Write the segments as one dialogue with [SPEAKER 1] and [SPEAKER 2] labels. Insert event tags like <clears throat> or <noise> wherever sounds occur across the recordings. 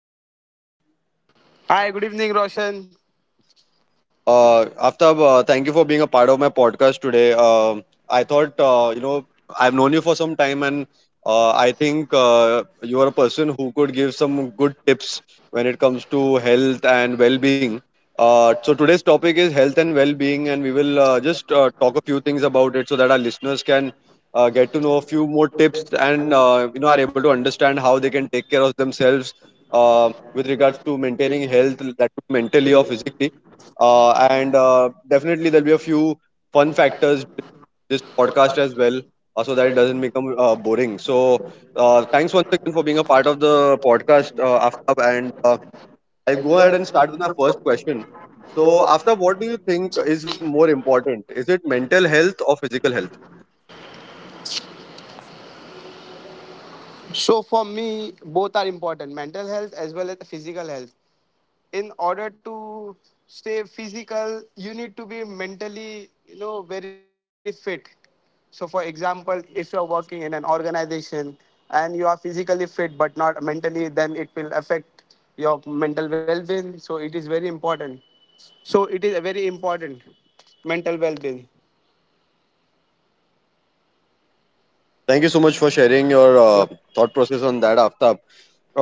[SPEAKER 1] Aftab.
[SPEAKER 2] Hi, good evening, Roshan.
[SPEAKER 1] Aftab, thank you for being a part of my podcast today. I thought, I've known you for some time, and I think you are a person who could give some good tips when it comes to health and well-being. So today's topic is health and well-being, and we will just talk a few things about it so that our listeners can get to know a few more tips, and are able to understand how they can take care of themselves with regards to maintaining health, that too mentally or physically. And definitely there'll be a few fun factors this podcast as well, so that it doesn't become boring. So thanks once again for being a part of the podcast, Aftab, and I'll go ahead and start with my first question. So, Aftab, what do you think is more important, is it mental health or physical health?
[SPEAKER 2] So, for me, both are important mental health as well as physical health. In order to stay physical, you need to be mentally, very fit. So, for example, if you're working in an organization and you are physically fit but not mentally, then it will affect your mental well being. So, it is very important. So, it is very important mental well being.
[SPEAKER 1] Thank you so much for sharing your thought process on that, Aftab.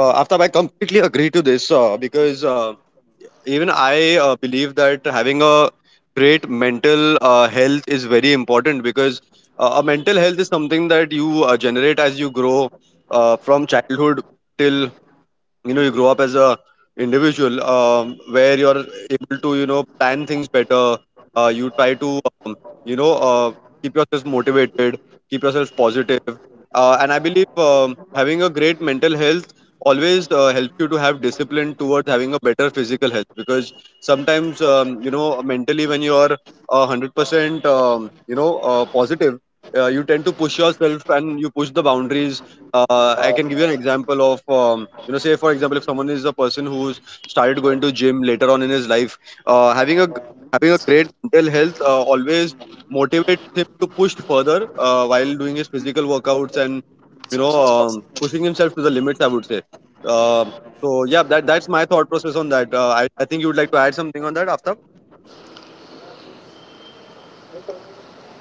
[SPEAKER 1] Aftab, I completely agree to this, because even I believe that having a great mental health is very important, because a mental health is something that you generate as you grow from childhood till you grow up as a individual, where you're able to plan things better. You try to you know uh, keep yourself motivated, keep yourself positive, and I believe having a great mental health always helps you to have discipline towards having a better physical health, because sometimes mentally when you are 100% positive, you tend to push yourself and you push the boundaries. I can give you an example of, say for example, if someone is a person who's started going to gym later on in his life, uh, having a having a great mental health always motivates him to push further while doing his physical workouts and pushing himself to the limits, I would say. Um so yeah, that's my thought process on that. I think you would like to add something on that, Aftab.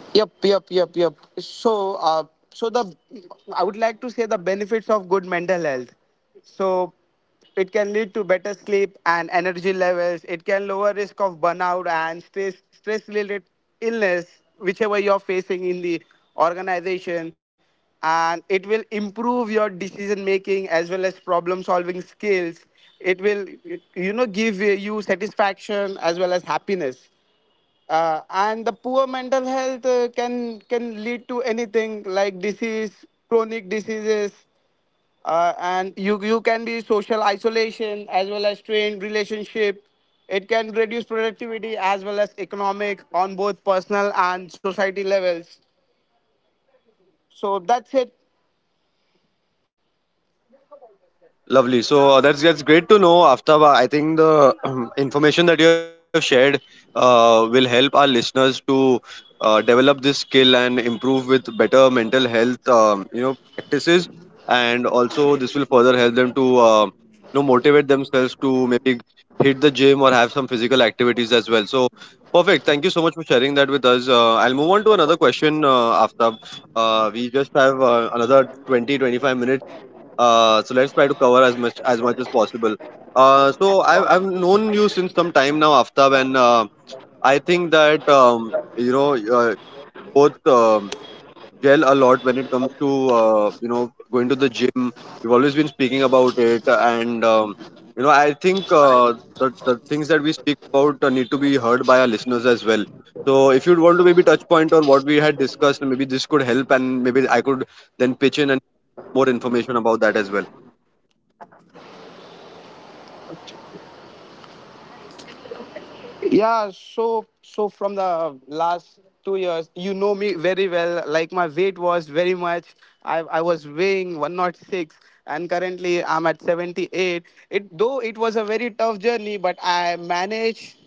[SPEAKER 2] Yep, yep, yep, yep. So, so the I would like to say the benefits of good mental health. So, it can lead to better sleep and energy levels. It can lower risk of burnout and stress related illness, whichever you're facing in the organization, and it will improve your decision making as well as problem solving skills. It will, give you satisfaction as well as happiness. And the poor mental health can lead to anything like disease chronic diseases. And you can be social isolation as well as strained relationship. It can reduce productivity as well as economic on both personal and society levels. So that's it.
[SPEAKER 1] Lovely. So that's great to know, Aftaba. I think the information that you have shared will help our listeners to develop this skill and improve with better mental health practices, and also this will further help them to motivate themselves to maybe hit the gym or have some physical activities as well. So perfect. Thank you so much for sharing that with us. I'll move on to another question, Aftab. We just have another 20-25 minutes, so let's try to cover as much as possible. I've known you since some time now, Aftab, and I think that both gel a lot when it comes to, going to the gym. We've always been speaking about it, and I think the things that we speak about need to be heard by our listeners as well. So if you'd want to maybe touch point on what we had discussed, maybe this could help, and maybe I could then pitch in and more information about that as well.
[SPEAKER 2] Yeah, so from the last 2 years, you know me very well. Like my weight was very much. I was weighing 106 and currently I'm at 78. It though it was a very tough journey, but I managed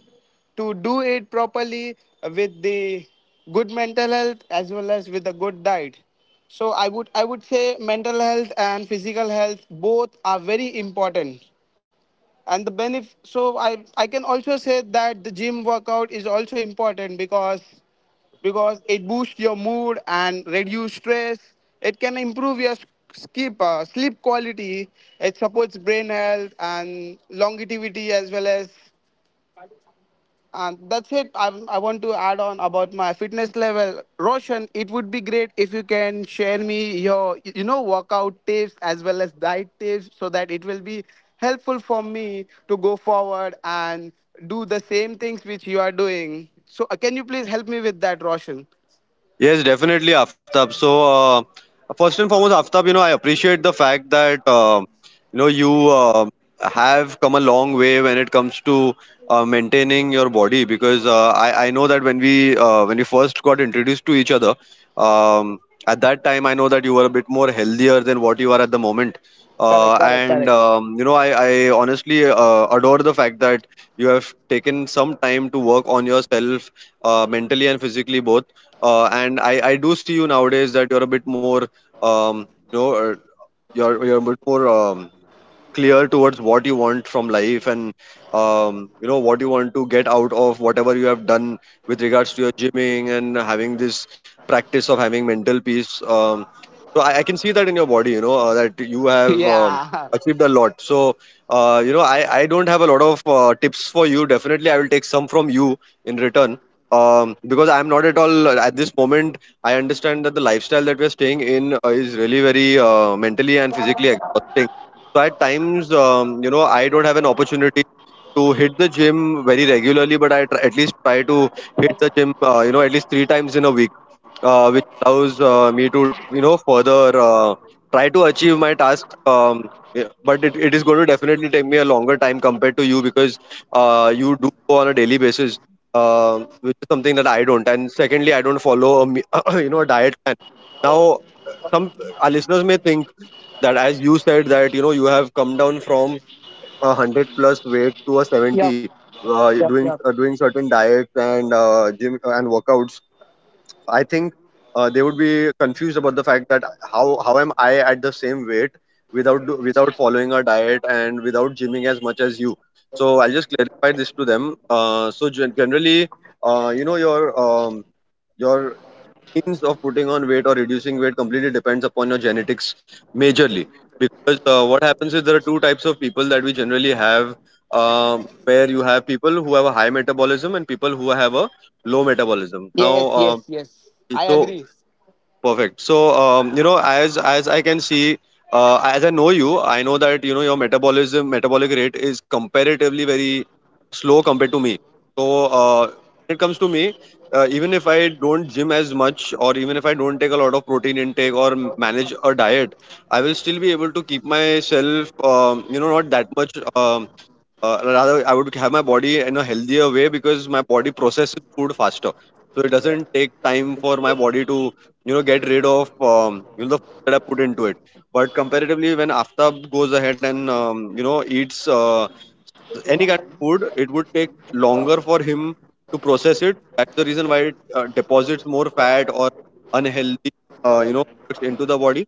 [SPEAKER 2] to do it properly with the good mental health as well as with a good diet. So I would say mental health and physical health both are very important, and the benefit. So I can also say that the gym workout is also important, because it boosts your mood and reduce stress. It can improve your skip sleep quality. It supports brain health and longevity as well as, and that's it. I want to add on about my fitness level. Roshan, it would be great if you can share me your, workout tips as well as diet tips so that it will be helpful for me to go forward and do the same things which you are doing. So, can you please help me with that, Roshan?
[SPEAKER 1] Yes, definitely, Aftab. So, first and foremost, Aftab, you know, I appreciate the fact that you have come a long way when it comes to maintaining your body, because I know that when we first got introduced to each other, um, at that time I know that you were a bit more healthier than what you are at the moment.
[SPEAKER 2] Correct, correct,
[SPEAKER 1] And
[SPEAKER 2] correct. <laughs>
[SPEAKER 1] I honestly adore the fact that you have taken some time to work on yourself, mentally and physically both, and I do see you nowadays that you're a bit more um, you know uh, you're a bit more clear towards what you want from life and what you want to get out of whatever you have done with regards to your gymming and having this practice of having mental peace. I can see that in your body, that you have
[SPEAKER 2] Yeah.
[SPEAKER 1] achieved a lot. So I don't have a lot of tips for you. Definitely I will take some from you in return, because I'm not at all at this moment. I understand that the lifestyle that we're staying in is really very mentally and physically exhausting, so at times I don't have an opportunity to hit the gym very regularly, but I at least try to hit the gym, at least three times in a week, which allows me to further try to achieve my task. But it is going to definitely take me a longer time compared to you, because you do go on a daily basis, which is something that I don't. And secondly, I don't follow <coughs> <clears throat> a diet plan now. Some our listeners may think that, as you said, that you have come down from a 100 plus weight to a
[SPEAKER 2] Yep,
[SPEAKER 1] 70, uh,
[SPEAKER 2] yep,
[SPEAKER 1] doing
[SPEAKER 2] yep.
[SPEAKER 1] uh, doing certain diets and gym and workouts. I think they would be confused about the fact that how am I at the same weight without without following a diet and without gymming as much as you. So I'll just clarify this to them. So, generally, your your means of putting on weight or reducing weight completely depends upon your genetics majorly, because what happens is there are two types of people that we generally have, where you have people who have a high metabolism and people who have a low metabolism now.
[SPEAKER 2] Yes, yes, yes. I agree.
[SPEAKER 1] So Perfect. So, as I can see, as I know you, I know that your metabolism metabolic rate is comparatively very slow compared to me. So, when it comes to me, even if I don't gym as much, or even if I don't take a lot of protein intake or manage a diet, I will still be able to keep myself, not that much. Rather I would have my body in a healthier way, because my body processes food faster, so it doesn't take time for my body to get rid of, the food that I put into it. But comparatively, when Aftab goes ahead and eats any kind of food, it would take longer for him to process it. That's the reason why it deposits more fat or unhealthy uh, you know into the body.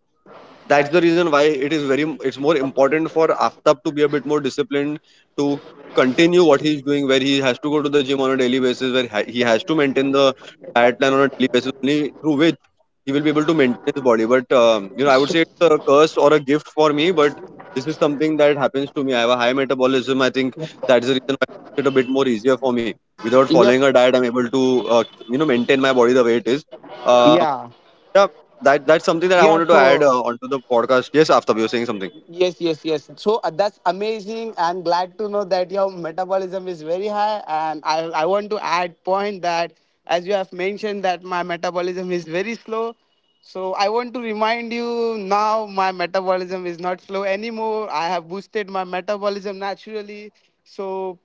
[SPEAKER 1] That's the reason why it is very, it's more important for Aftab to be a bit more disciplined to continue what he's doing, where he has to go to the gym on a daily basis, where he has to maintain the diet plan on a daily basis, only through which he will be able to maintain his body. But I would say it's a curse or a gift for me, but this is something that happens to me. I have a high metabolism. I think that's the reason why it's a bit more easier for me. Without
[SPEAKER 2] Yep.
[SPEAKER 1] following a diet, I'm able to maintain my body the way it is. Uh,
[SPEAKER 2] Yeah.
[SPEAKER 1] yeah, that's something that I
[SPEAKER 2] Yeah,
[SPEAKER 1] wanted to add
[SPEAKER 2] sure.
[SPEAKER 1] onto the podcast. Yes, after you were saying something.
[SPEAKER 2] Yes, yes, yes. So, that's amazing. I'm glad to know that your metabolism is very high. And I want to add point that as you have mentioned that my metabolism is very slow. So I want to remind you now my metabolism is not slow anymore. I have boosted my metabolism naturally. So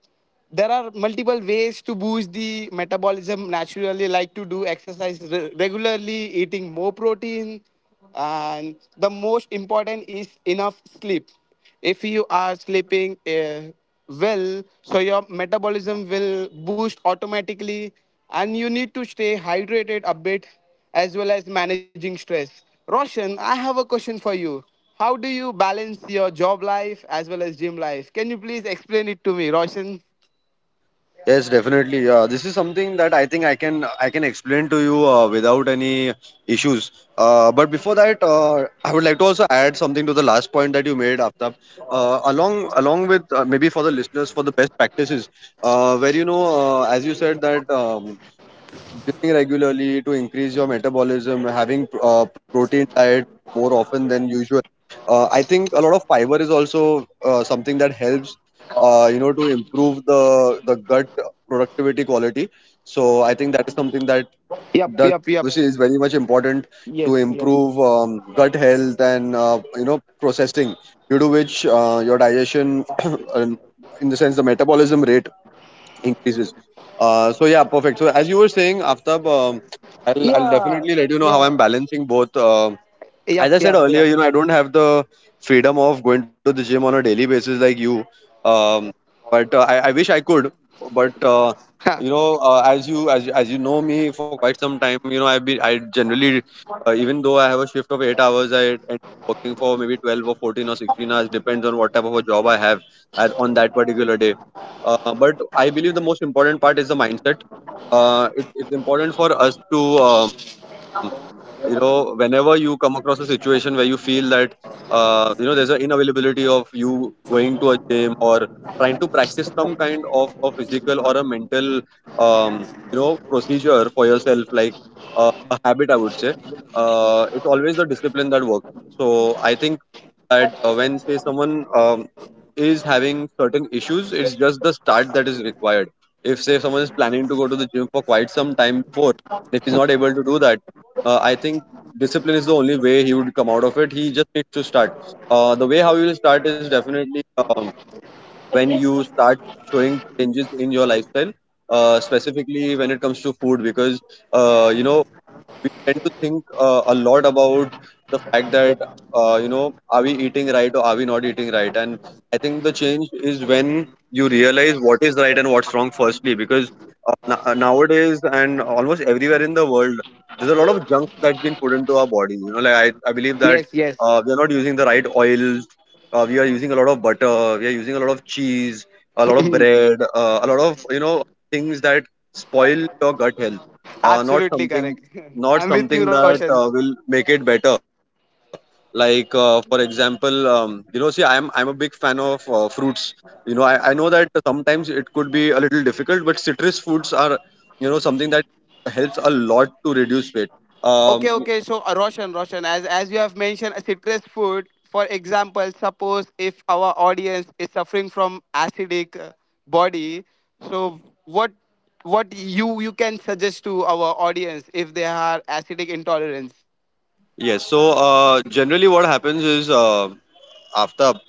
[SPEAKER 2] there are multiple ways to boost the metabolism naturally, like to do exercise regularly, eating more protein, and the most important is enough sleep. If you are sleeping well, so your metabolism will boost automatically, and you need to stay hydrated a bit, as well as managing stress. Roshan, I have a question for you. How do you balance your job life as well as gym life? Can you please explain it to me, Roshan?
[SPEAKER 1] Yes, definitely. This is something that I think I can explain to you without any issues. But before that, I would like to also add something to the last point that you made, Aftab. Along with, maybe for the listeners, for the best practices, where as you said that. Eating regularly to increase your metabolism, having protein diet more often than usual. I think a lot of fiber is also something that helps, to improve the gut productivity quality. So I think that is something that
[SPEAKER 2] Yep,
[SPEAKER 1] does,
[SPEAKER 2] yep, yep.
[SPEAKER 1] obviously, is very much important to
[SPEAKER 2] Yes, yes.
[SPEAKER 1] improve gut health and processing, due to which your digestion, <coughs> <clears throat> in the sense the metabolism rate increases. So yeah, perfect. So as you were saying, Aftab, I'll definitely let you know how I'm balancing both. I
[SPEAKER 2] Yep,
[SPEAKER 1] said
[SPEAKER 2] yep,
[SPEAKER 1] earlier,
[SPEAKER 2] yep.
[SPEAKER 1] you know, I don't have the freedom of going to the gym on a daily basis like you. Um, but I wish I could. But as you know me for quite some time, I generally even though I have a shift of 8 hours, I working for maybe 12 or 14 or 16 hours, depends on what type of a job I have at, on that particular day. But I believe the most important part is the mindset. It's important for us to um, whenever you come across a situation where you feel that there's an inavailability of you going to a gym or trying to practice some kind of a physical or a mental, um, procedure for yourself, like a habit, I would say, it's always the discipline that works. So I think that when, say, someone is having certain issues, it's just the start that is required. If, say, someone is planning to go to the gym for quite some time before, if he's not able to do that, I think discipline is the only way he would come out of it. He just needs to start. The way how you will start is definitely, when you start showing changes in your lifestyle, specifically when it comes to food. Because uh, you know we tend to think a lot about, you know, are we eating right or are we not eating right? And I think the change is when you realize what is right and what's wrong, firstly, because nowadays and almost everywhere in the world a lot of junk put into our bodies. You know, like, I
[SPEAKER 2] <laughs>
[SPEAKER 1] believe
[SPEAKER 2] Yes,
[SPEAKER 1] that
[SPEAKER 2] yes.
[SPEAKER 1] we are not using the right oils. We are using a lot of butter. We are using a lot of cheese, bread, a lot of, things that spoil your gut health.
[SPEAKER 2] Absolutely correct. <laughs>
[SPEAKER 1] Not
[SPEAKER 2] I'm with you,
[SPEAKER 1] something that
[SPEAKER 2] Roshan.
[SPEAKER 1] will make it better. Like, for example, see, I'm a big fan of fruits. You know, I know that sometimes it could be a little difficult, but citrus fruits are, something that helps a lot to reduce weight.
[SPEAKER 2] Okay,
[SPEAKER 1] um,
[SPEAKER 2] okay. So, Roshan, as you have mentioned, citrus food. For example, suppose if our audience is suffering from acidic body, so what what you can suggest to our audience if they are acidic intolerance?
[SPEAKER 1] Yes. So generally, what happens is, Aftab,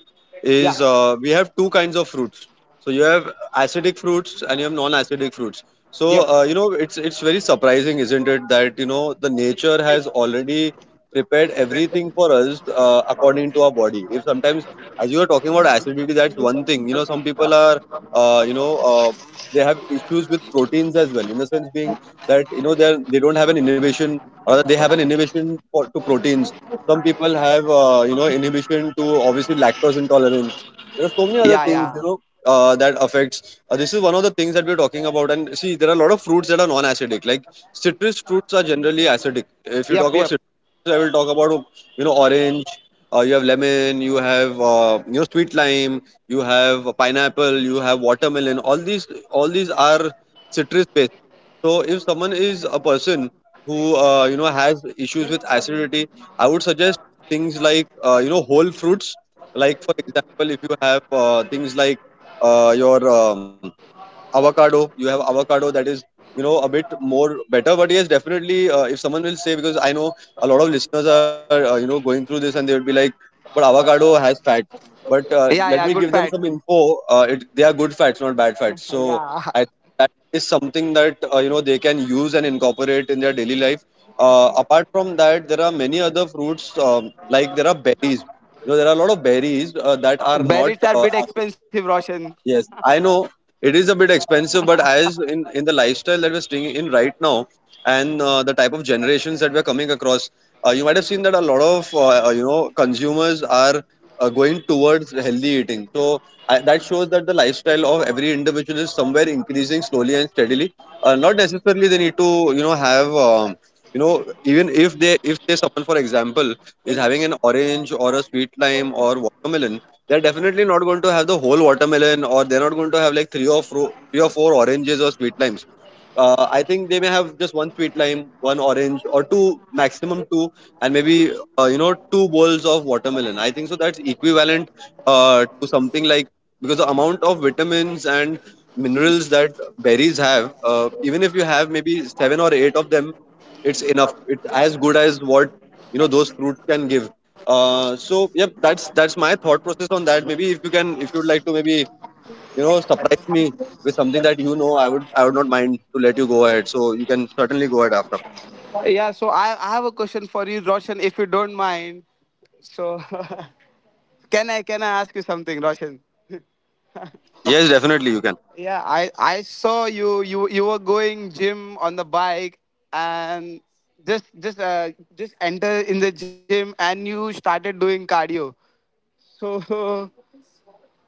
[SPEAKER 2] Yeah.
[SPEAKER 1] is we have two kinds of fruits. So you have acidic fruits and you have non-acidic fruits. So
[SPEAKER 2] Yep.
[SPEAKER 1] it's very surprising, isn't it, that, you know, the nature has already prepared everything for us, according to our body. If sometimes, as you are talking about acidity, that's one thing. You know, some people are, uh, you know uh, they have issues with proteins as well, in the sense being that, you know, they don't have an inhibition, or they have an inhibition for to proteins. Some people have, inhibition to, obviously, lactose intolerance. There are so many
[SPEAKER 2] Yeah,
[SPEAKER 1] other
[SPEAKER 2] yeah.
[SPEAKER 1] things, you know, that affects. This is one of the things that we're talking about. And see, there are a lot of fruits that are non-acidic. Like, citrus fruits are generally acidic. If you talk
[SPEAKER 2] Yep,
[SPEAKER 1] about
[SPEAKER 2] yep.
[SPEAKER 1] citrus, I will talk about, you know, orange. You have lemon, you have sweet lime, you have pineapple, you have watermelon. All these are citrus based. So if someone is a person who has issues with acidity, I would suggest things like whole fruits. Like, for example, if you have things like, your avocado that is, you know, a bit more better. But yes, definitely, if someone will say, because I know a lot of listeners are going through this, and they will be like, but avocado has fat. But
[SPEAKER 2] Yeah, yeah.
[SPEAKER 1] let me
[SPEAKER 2] Good
[SPEAKER 1] give
[SPEAKER 2] fat.
[SPEAKER 1] them some info. They are good fats, not bad fats. So
[SPEAKER 2] Yeah.
[SPEAKER 1] I that is something that they can use and incorporate in their daily life. Apart from that, there are many other fruits, like there are berries, you know, there are a lot of berries that
[SPEAKER 2] <laughs>
[SPEAKER 1] are not
[SPEAKER 2] Berries are a bit expensive, Roshan.
[SPEAKER 1] Yes, I know it is a bit expensive, but as in the lifestyle that we're staying in right now, and the type of generations that we're coming across. You might have seen that a lot of consumers are going towards healthy eating. So that shows that the lifestyle of every individual is somewhere increasing slowly and steadily. Not necessarily they need to, you know, have, even if they if, say, someone, for example, is having an orange or a sweet lime or watermelon. They're definitely not going to have the whole watermelon, or they're not going to have like three or four oranges or sweet limes. I think they may have just one sweet lime, one orange, or two, maximum two, and maybe two bowls of watermelon. I think so. That's equivalent to something like, because the amount of vitamins and minerals that berries have, even if you have maybe seven or eight of them, it's enough, it's as good as what, you know, those fruits can give. So yep, that's my thought process on that. Maybe if you can, if you'd like to, maybe, you know, surprise me with something that, you know, I would not mind. To let you go ahead, so you can certainly go ahead after.
[SPEAKER 2] Yeah, so I have a question for you, Roshan, if you don't mind. So <laughs> can I ask you something, Roshan?
[SPEAKER 1] Yes, definitely, you can.
[SPEAKER 2] Yeah, I saw you were going gym on the bike, and just just uh, just enter in the gym, and you started doing cardio. So <laughs>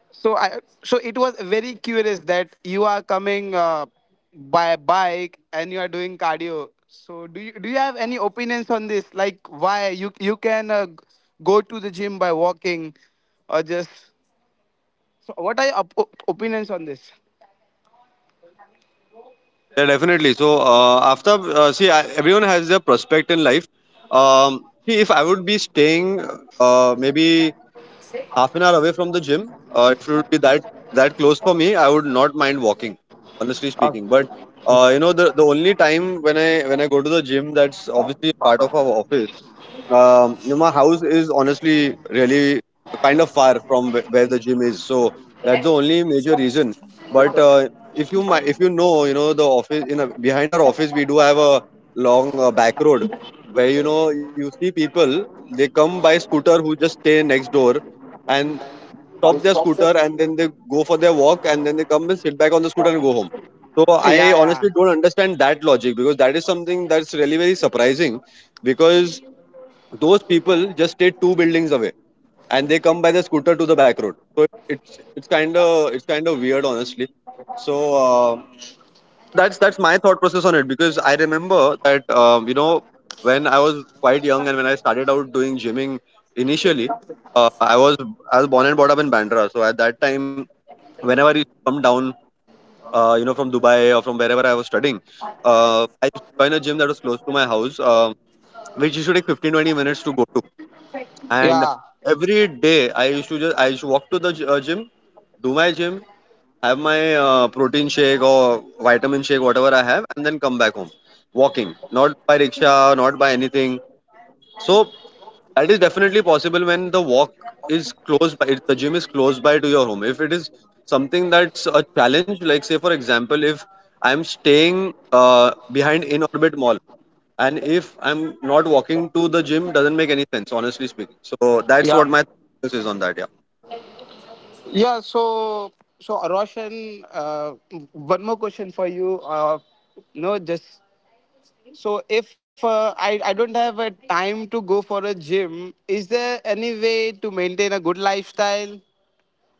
[SPEAKER 2] so it was very curious that you are coming by bike and you are doing cardio. So do you have any opinions on this? Like why you can go to the gym by walking, or just so what are your opinions on this?
[SPEAKER 1] Yeah, definitely. So after, see, everyone has their prospect in life. um, See, if I would be staying maybe half an hour away from the gym. If it would be that that close for me, I would not mind walking, honestly
[SPEAKER 2] Uh,
[SPEAKER 1] speaking. But you know, the only time when I go to the gym, that's obviously part of our office. You know, my house is honestly really kind of far from where the gym is, so that's the only major reason. But if if you know, you know the office in a, behind our office we do have a long back road, where, you know, you see people, they come by scooter who just stay next door, and a scooter, and then they go for their walk and then they come and sit back on the scooter and go home.
[SPEAKER 2] yeah,
[SPEAKER 1] So I
[SPEAKER 2] yeah,
[SPEAKER 1] honestly don't understand that logic, because that is something that's really very surprising, because those people just stay two buildings away and they come by the scooter to the back road. So it's kind of, weird, honestly. So that's my thought process on it, because I remember that, when I was quite young and when I started out doing gymming initially, uh, i was I was born and brought up in Bandra. So at that time, whenever I used to come down from Dubai or from wherever I was studying, I used to join a gym that was close to my house, which used to take 15 20 minutes to go to.
[SPEAKER 2] yeah,
[SPEAKER 1] Every day, I used to walk to the gym, do my gym, have my protein shake or vitamin shake, whatever I have, and then come back home, walking, not by rickshaw, not by anything. So that is definitely possible when the walk is close by, if the gym is close by to your home. If it is something that's a challenge, like, say, for example, if I'm staying behind in Orbit Mall, and if I'm not walking to the gym, doesn't make any sense, honestly speaking. So that's what my thoughts is on that. Yeah.
[SPEAKER 2] yeah. So, Roshan, one more question for you. No, just. So if I don't have a time to go for a gym, is there any way to maintain a good lifestyle?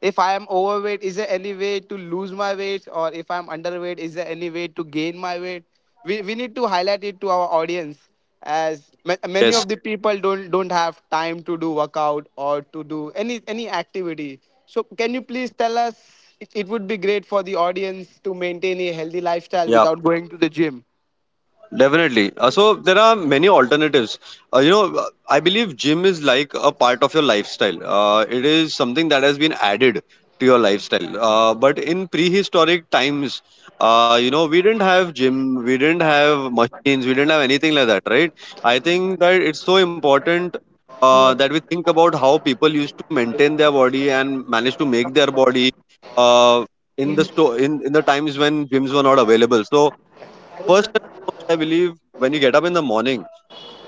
[SPEAKER 2] If I am overweight, is there any way to lose my weight? Or if I am underweight, is there any way to gain my weight? We need to highlight it to our audience, as many
[SPEAKER 1] Yes,
[SPEAKER 2] of the people don't have time to do workout or to do any activity. So can you please tell us, it would be great for the audience to maintain a healthy lifestyle
[SPEAKER 1] yeah,
[SPEAKER 2] without going to the gym.
[SPEAKER 1] definitely. So there are many alternatives. I believe gym is like a part of your lifestyle. It is something that has been added to your lifestyle. But in prehistoric times, you know, we didn't have gym, we didn't have machines, we didn't have anything like that, right? I think that it's so important. We think about how people used to maintain their body and manage to make their body, uh, in the store in the times when gyms were not available. So, first, I believe when you get up in the morning,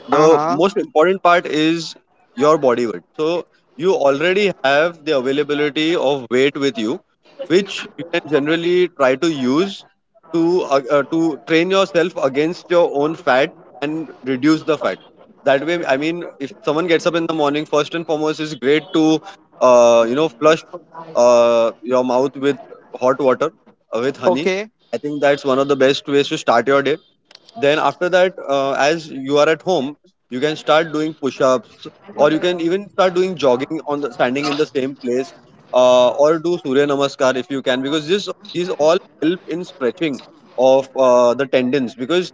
[SPEAKER 1] the
[SPEAKER 2] Uh-huh.
[SPEAKER 1] important part is your body weight. So you already have the availability of weight with you, which you can generally try to use to train yourself against your own fat and reduce the fat. That way, I mean, if someone gets up in the morning, first and foremost, it's great to flush your mouth with hot water with honey.
[SPEAKER 2] Okay.
[SPEAKER 1] I think that's one of the best ways to start your day. Then after that, as you are at home, you can start doing push-ups, or you can even start doing jogging on the standing in the same place, or do Surya Namaskar if you can, because this these all help in stretching of the tendons. Because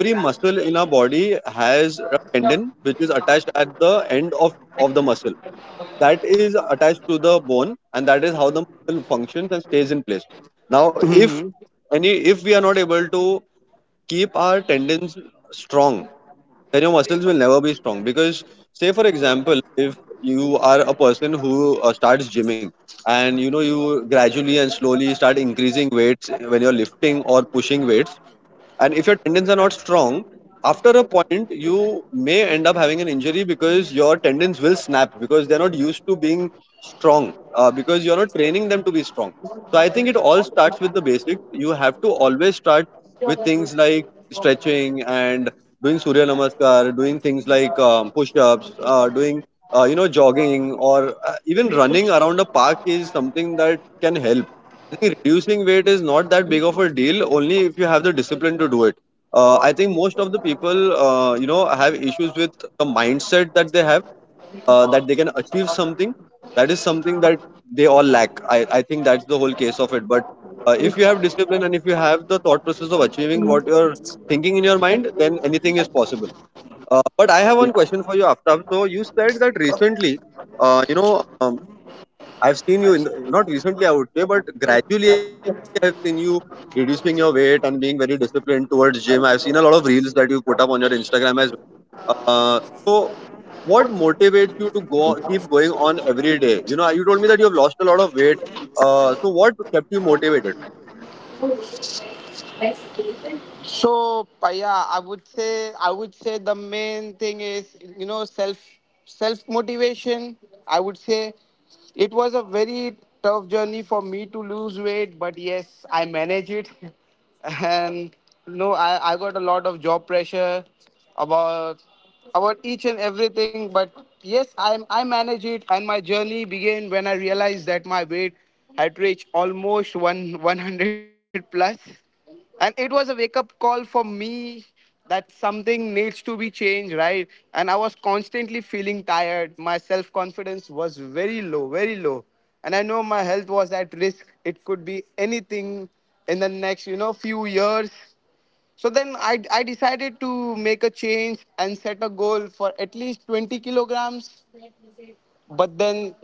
[SPEAKER 1] every muscle in our body has a tendon which is attached at the end of the muscle, that is attached to the bone, and that is how the muscle functions and stays in place. Now,
[SPEAKER 2] Hmm.
[SPEAKER 1] if any if we are not able to keep our tendons strong, then your muscles will never be strong. Because, say, for example, if you are a person who starts gymming, and you know, you gradually and slowly start increasing weights when you're lifting or pushing weights, and if your tendons are not strong, after a point you may end up having an injury because your tendons will snap, because they're not used to being strong, because you're not training them to be strong. So I think it all starts with the basics. You have to always start things like stretching and doing Surya Namaskar, doing things like push-ups, doing jogging, or even running around a park is something that can help. I think reducing weight is not that big of a deal only if you have the discipline to do it. I think most of the people have issues with the mindset that they have, that they can achieve something. That is something that they all lack. I think that's the whole case of it. But if you have discipline, and if you have the thought process of achieving what you're thinking in your mind, then anything is possible. But I have one question for you, Aftab. So you said that recently, uh, you know, um, I've seen you not recently, I would say, but gradually, I've seen you reducing your weight and being very disciplined towards gym. I've seen a lot of reels that you put up on your Instagram as well. So what motivates you to go keep going on every day? You know, you told me that you have lost a lot of weight. So what kept you motivated?
[SPEAKER 2] So, yeah, I would say. I would say the main thing is self motivation. I would say it was a very tough journey for me to lose weight, but yes, I managed it, <laughs> and no, I got a lot of job pressure about about each and everything, but yes, I managed it, and my journey began when I realized that my weight had reached almost one 100 plus, and it was a wake up call for me that something needs to be changed, right? And I was constantly feeling tired, my self confidence was very low, very low, and I know my health was at risk, it could be anything in the next few years. So then I decided to make a change and set a goal for at least 20 kilograms. But then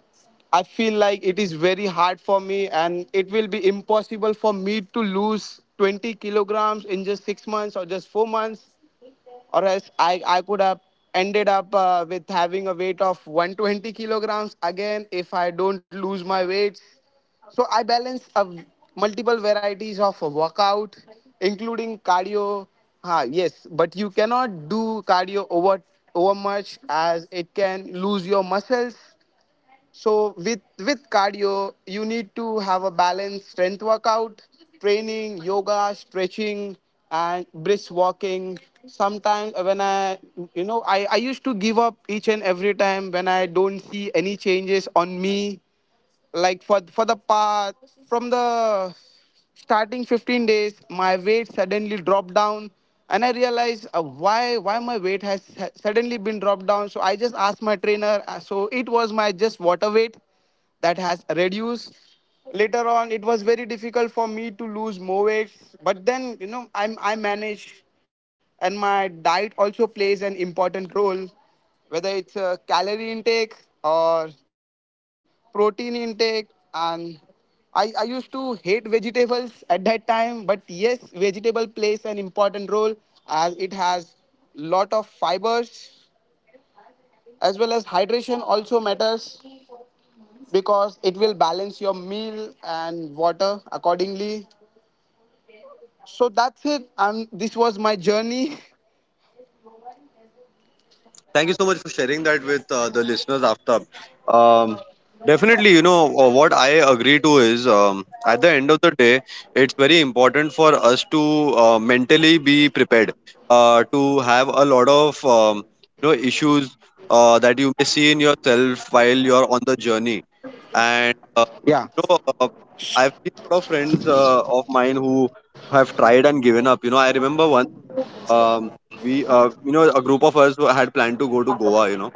[SPEAKER 2] I feel like it is very hard for me, and it will be impossible for me to lose 20 kilograms in just 6 months or just 4 months, or else I could have ended up with having a weight of 120 kilograms again if I don't lose my weights. So I balance multiple varieties of a workout, including cardio. Ah, yes, but you cannot do cardio over much, as it can lose your muscles. So with cardio you need to have a balanced strength workout, training, yoga, stretching, and brisk walking. Sometimes, when I you know I used to give up each and every time when I don't see any changes on me, like for the path from the starting 15 days, my weight suddenly dropped down, and I realized, why my weight has suddenly been dropped down. So I just asked my trainer, so it was my just water weight that has reduced. Later on, it was very difficult for me to lose more weight, but then I manage, and my diet also plays an important role, whether it's calorie intake or protein intake. And I used to hate vegetables at that time, but yes, vegetable plays an important role as it has lot of fibers, as well as hydration also matters, because it will balance your meal and water accordingly. So that's it. This was my journey. <laughs>
[SPEAKER 1] Thank you so much for sharing that with the listeners, Aftab. Um, Definitely, you know, what I agree to is, at the end of the day, it's very important for us to mentally be prepared, to have a lot of, issues, that you may see in yourself while you're on the journey. And you
[SPEAKER 2] Yeah.
[SPEAKER 1] know, uh, I've seen a lot of friends of mine who have tried and given up. You know, I remember once, um, a group of us who had planned to go to Goa. You know,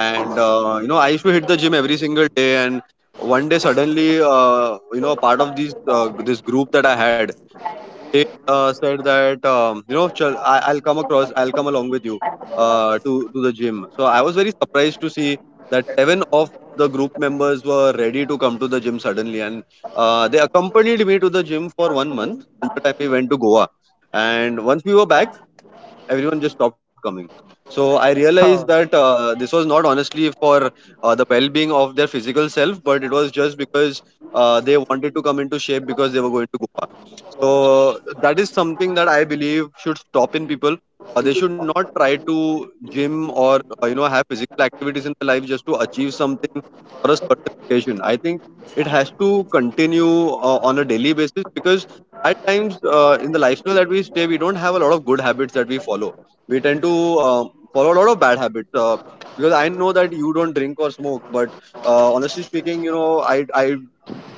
[SPEAKER 1] and I used to hit the gym every single day. And one day, suddenly, part of these this group that I had, they said that, Chal, I'll come along with you to the gym. So I was very surprised to see that seven of the group members were ready to come to the gym suddenly, and they accompanied me to the gym for one month till the time we went to Goa. And once we were back, everyone just stopped coming. So I realized that,
[SPEAKER 2] Oh.
[SPEAKER 1] this was not honestly for the well-being of their physical self, but it was just because they wanted to come into shape because they were going to go fast. So that is something that I believe should stop in people. They should not try to gym, or have physical activities in their life just to achieve something for a certain occasion. I think it has to continue on a daily basis, because at times, in the lifestyle that we stay, we don't have a lot of good habits that we follow. We tend to follow a lot of bad habits, because I know that you don't drink or smoke. But honestly speaking, you know, I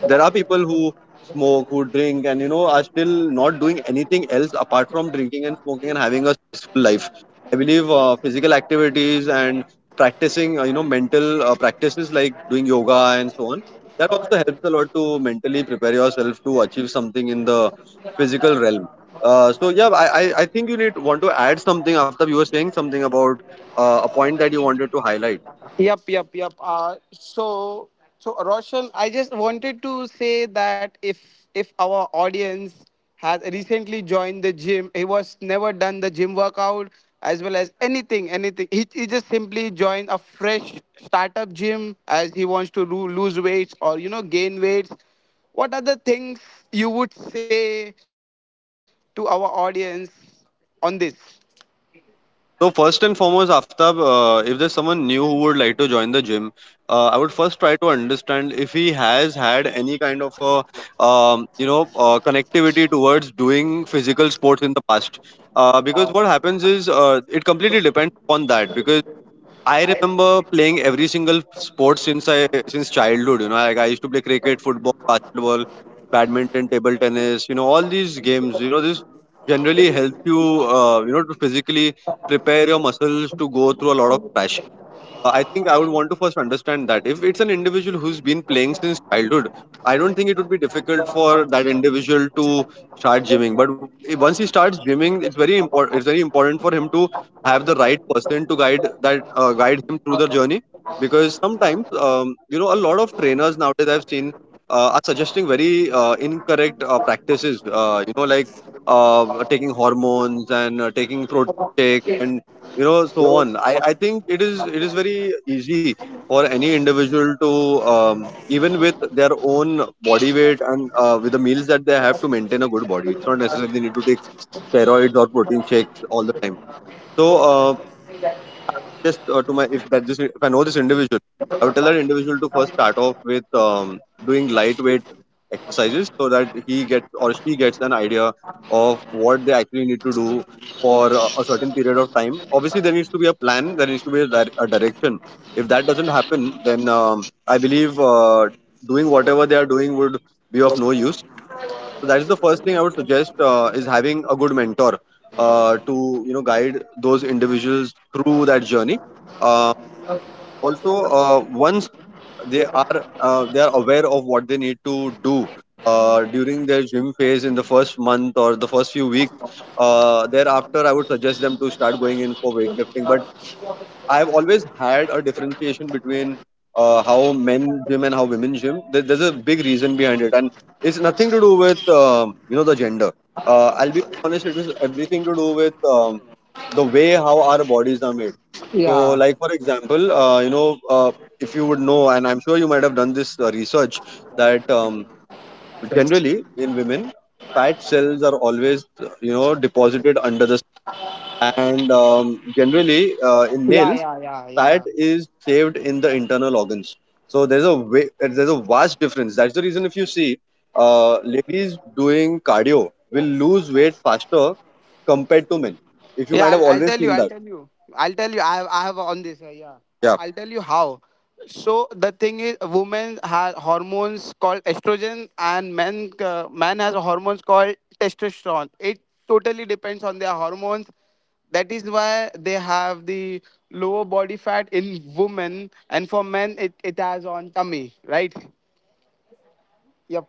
[SPEAKER 1] there are people who smoke, who drink, and you know, are still not doing anything else apart from drinking and smoking and having a stressful life. I believe physical activities and practicing mental practices like doing yoga, and so on, that also helps a lot to mentally prepare yourself to achieve something in the physical realm. So yeah, I think you need want to add something, after you were saying something about, a point that you wanted to highlight.
[SPEAKER 2] Yep, yep, yep. So, Roshan, I just wanted to say that if our audience has recently joined the gym, he was never done the gym workout as well as anything, anything. He just simply joined a fresh startup gym as he wants to lose weights or gain weights. What are the things you would say to our audience on this?
[SPEAKER 1] So first and foremost, Aftab, if there's someone new who would like to join the gym, I would first try to understand if he has had any kind of a, connectivity towards doing physical sports in the past. Because what happens is, it completely depends upon that. Because I remember playing every single sport since childhood. You know, like I used to play cricket, football, basketball, badminton, table tennis. You know, all these games. You know, this generally help you. To physically prepare your muscles to go through a lot of, I think I would want to first understand that if it's an individual who's been playing since childhood, I don't think it would be difficult for that individual to start gymming. But once he starts gymming, it's very important. It's very important for him to have the right person to guide him through the journey. Because sometimes, a lot of trainers nowadays I've seen are suggesting very incorrect practices. Uh, Taking hormones, and taking, and you know, so on. I think it is very easy for any individual to, even with their own body weight, and with the meals that they have, to maintain a good body. It's not necessarily they need to take steroids or protein shakes all the time. So uh, to my if that this if I know this individual, tell that individual to first start off with, doing lightweight exercises so that he gets, or she gets, an idea of what they actually need to do for a certain period of time. Obviously, there needs to be a plan, there needs to be a direction. If that doesn't happen, then, I believe doing whatever they are doing would be of no use. So that is the first thing I would suggest, is having a good mentor, to guide those individuals through that journey. Uh, Also, once they are they are aware of what they need to do during their gym phase in the first month or the first few weeks. Thereafter, I would suggest them to start going in for weight. I have always had a differentiation between how men gym and how women gym. There's a big reason behind it, and it's nothing to do with the gender. I'll be honest; it is everything to do with, the way how our bodies are made. So,
[SPEAKER 2] Yeah.
[SPEAKER 1] like for example, if you would know, and I'm sure you might have done this research, that, generally in women, fat cells are always, you know, deposited under the skin. And, generally, in men, fat is saved in the internal organs. So there's a way, there's a vast difference. That's the reason if you see, ladies doing cardio will lose weight faster compared to men. If you
[SPEAKER 2] Yeah,
[SPEAKER 1] might have
[SPEAKER 2] I'll
[SPEAKER 1] always,
[SPEAKER 2] tell you. I'll tell you. I'll tell you. I have on this. Yeah, I,
[SPEAKER 1] yeah.
[SPEAKER 2] I'll tell you how. So the thing is, women have hormones called estrogen, and men man has hormones called testosterone. It totally depends on their hormones. That is why they have the lower body fat in women, and for men, it has on tummy, right? Yep.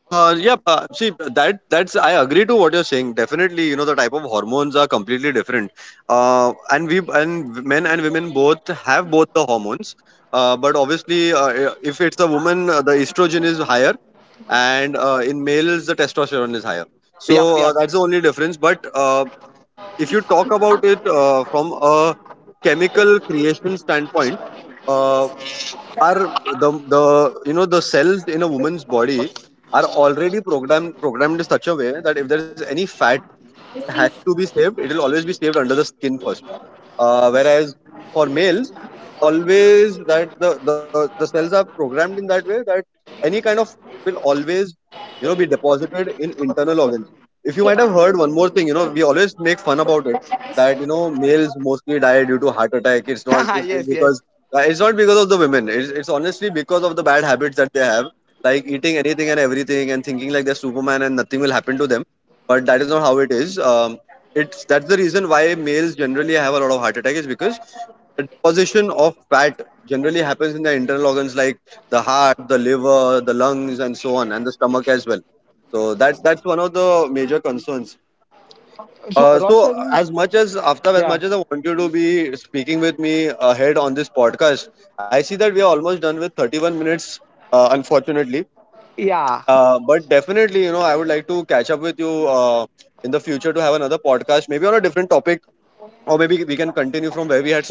[SPEAKER 1] Yeah, see, that that's I agree to what you're saying. Definitely, you know, the type of hormones are completely different. And we and men and women both have both the hormones. But obviously, if it's a woman, the estrogen is higher, and in males the testosterone is higher.
[SPEAKER 2] Yep. Yep.
[SPEAKER 1] So, that's the only difference. But if you talk about it from a chemical creation standpoint, uh, are the you know the cells in a woman's body are already programmed in such a way that if there is any fat has to be saved, it will always be saved under the skin first. Whereas for males, always that the cells are programmed in that way that any kind of will always deposited in internal organs. If you might have heard one more thing, you know, we always make fun about it that males mostly die due to heart attack. It's
[SPEAKER 2] <laughs>
[SPEAKER 1] not.
[SPEAKER 2] Yes. Yes.
[SPEAKER 1] It's not because of the women. It's honestly because of the bad habits that they have, like eating anything and everything and thinking like they're Superman and nothing will happen to them. But that is not how it is. It's That's the reason why males generally have a lot of heart attack, is because position of fat generally happens in the internal organs like the heart, the liver, the lungs, and so on, and the stomach as well. So that's one of the major concerns.
[SPEAKER 2] So
[SPEAKER 1] Uh,
[SPEAKER 2] Roshan.
[SPEAKER 1] as
[SPEAKER 2] Yeah.
[SPEAKER 1] much as, I want you to be speaking with me ahead on this podcast, I see that we are almost done with 31 minutes, unfortunately.
[SPEAKER 2] Yeah.
[SPEAKER 1] But definitely, you know, I would like to catch up with you in the future to have another podcast, maybe on a different topic, or maybe we can continue from where we had.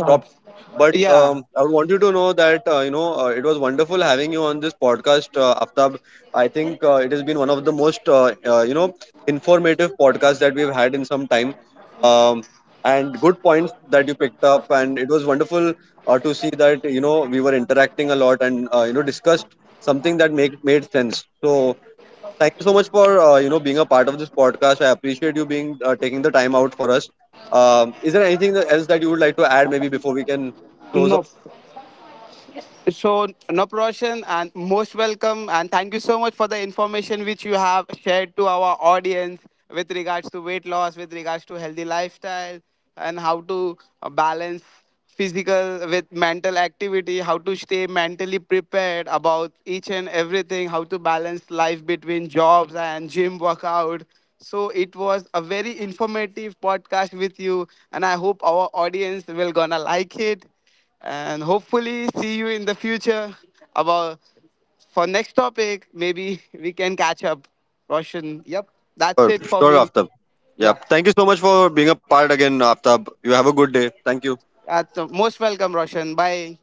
[SPEAKER 1] But
[SPEAKER 2] Yeah.
[SPEAKER 1] I want you to know that, it was wonderful having you on this podcast, Aftab. I think it has been one of the most informative podcasts that we've had in some time, um, and good points that you picked up. And it was wonderful to see that you know we were interacting a lot, and discussed something that make made sense. So thank you so much for being a part of this podcast. I appreciate you being taking the time out for us. Is there anything else that you would like to add maybe before we can.
[SPEAKER 2] No. So, Naproshan, and most welcome, and thank you so much for the information which you have shared to our audience, with regards to weight loss, with regards to healthy lifestyle, and how to balance physical with mental activity, how to stay mentally prepared about each and everything, how to balance life between jobs and gym workout. So it was a very informative podcast with you, and I hope our audience will gonna like it, and hopefully see you in the future. About for next topic maybe we can catch up, Roshan. Yep, that's it for
[SPEAKER 1] Sure,
[SPEAKER 2] me.
[SPEAKER 1] Aftab. Yeah.
[SPEAKER 2] Yeah,
[SPEAKER 1] Thank you so much for being a part again, Aftab. You have a good day. Thank you.
[SPEAKER 2] that's most welcome, Roshan. Bye.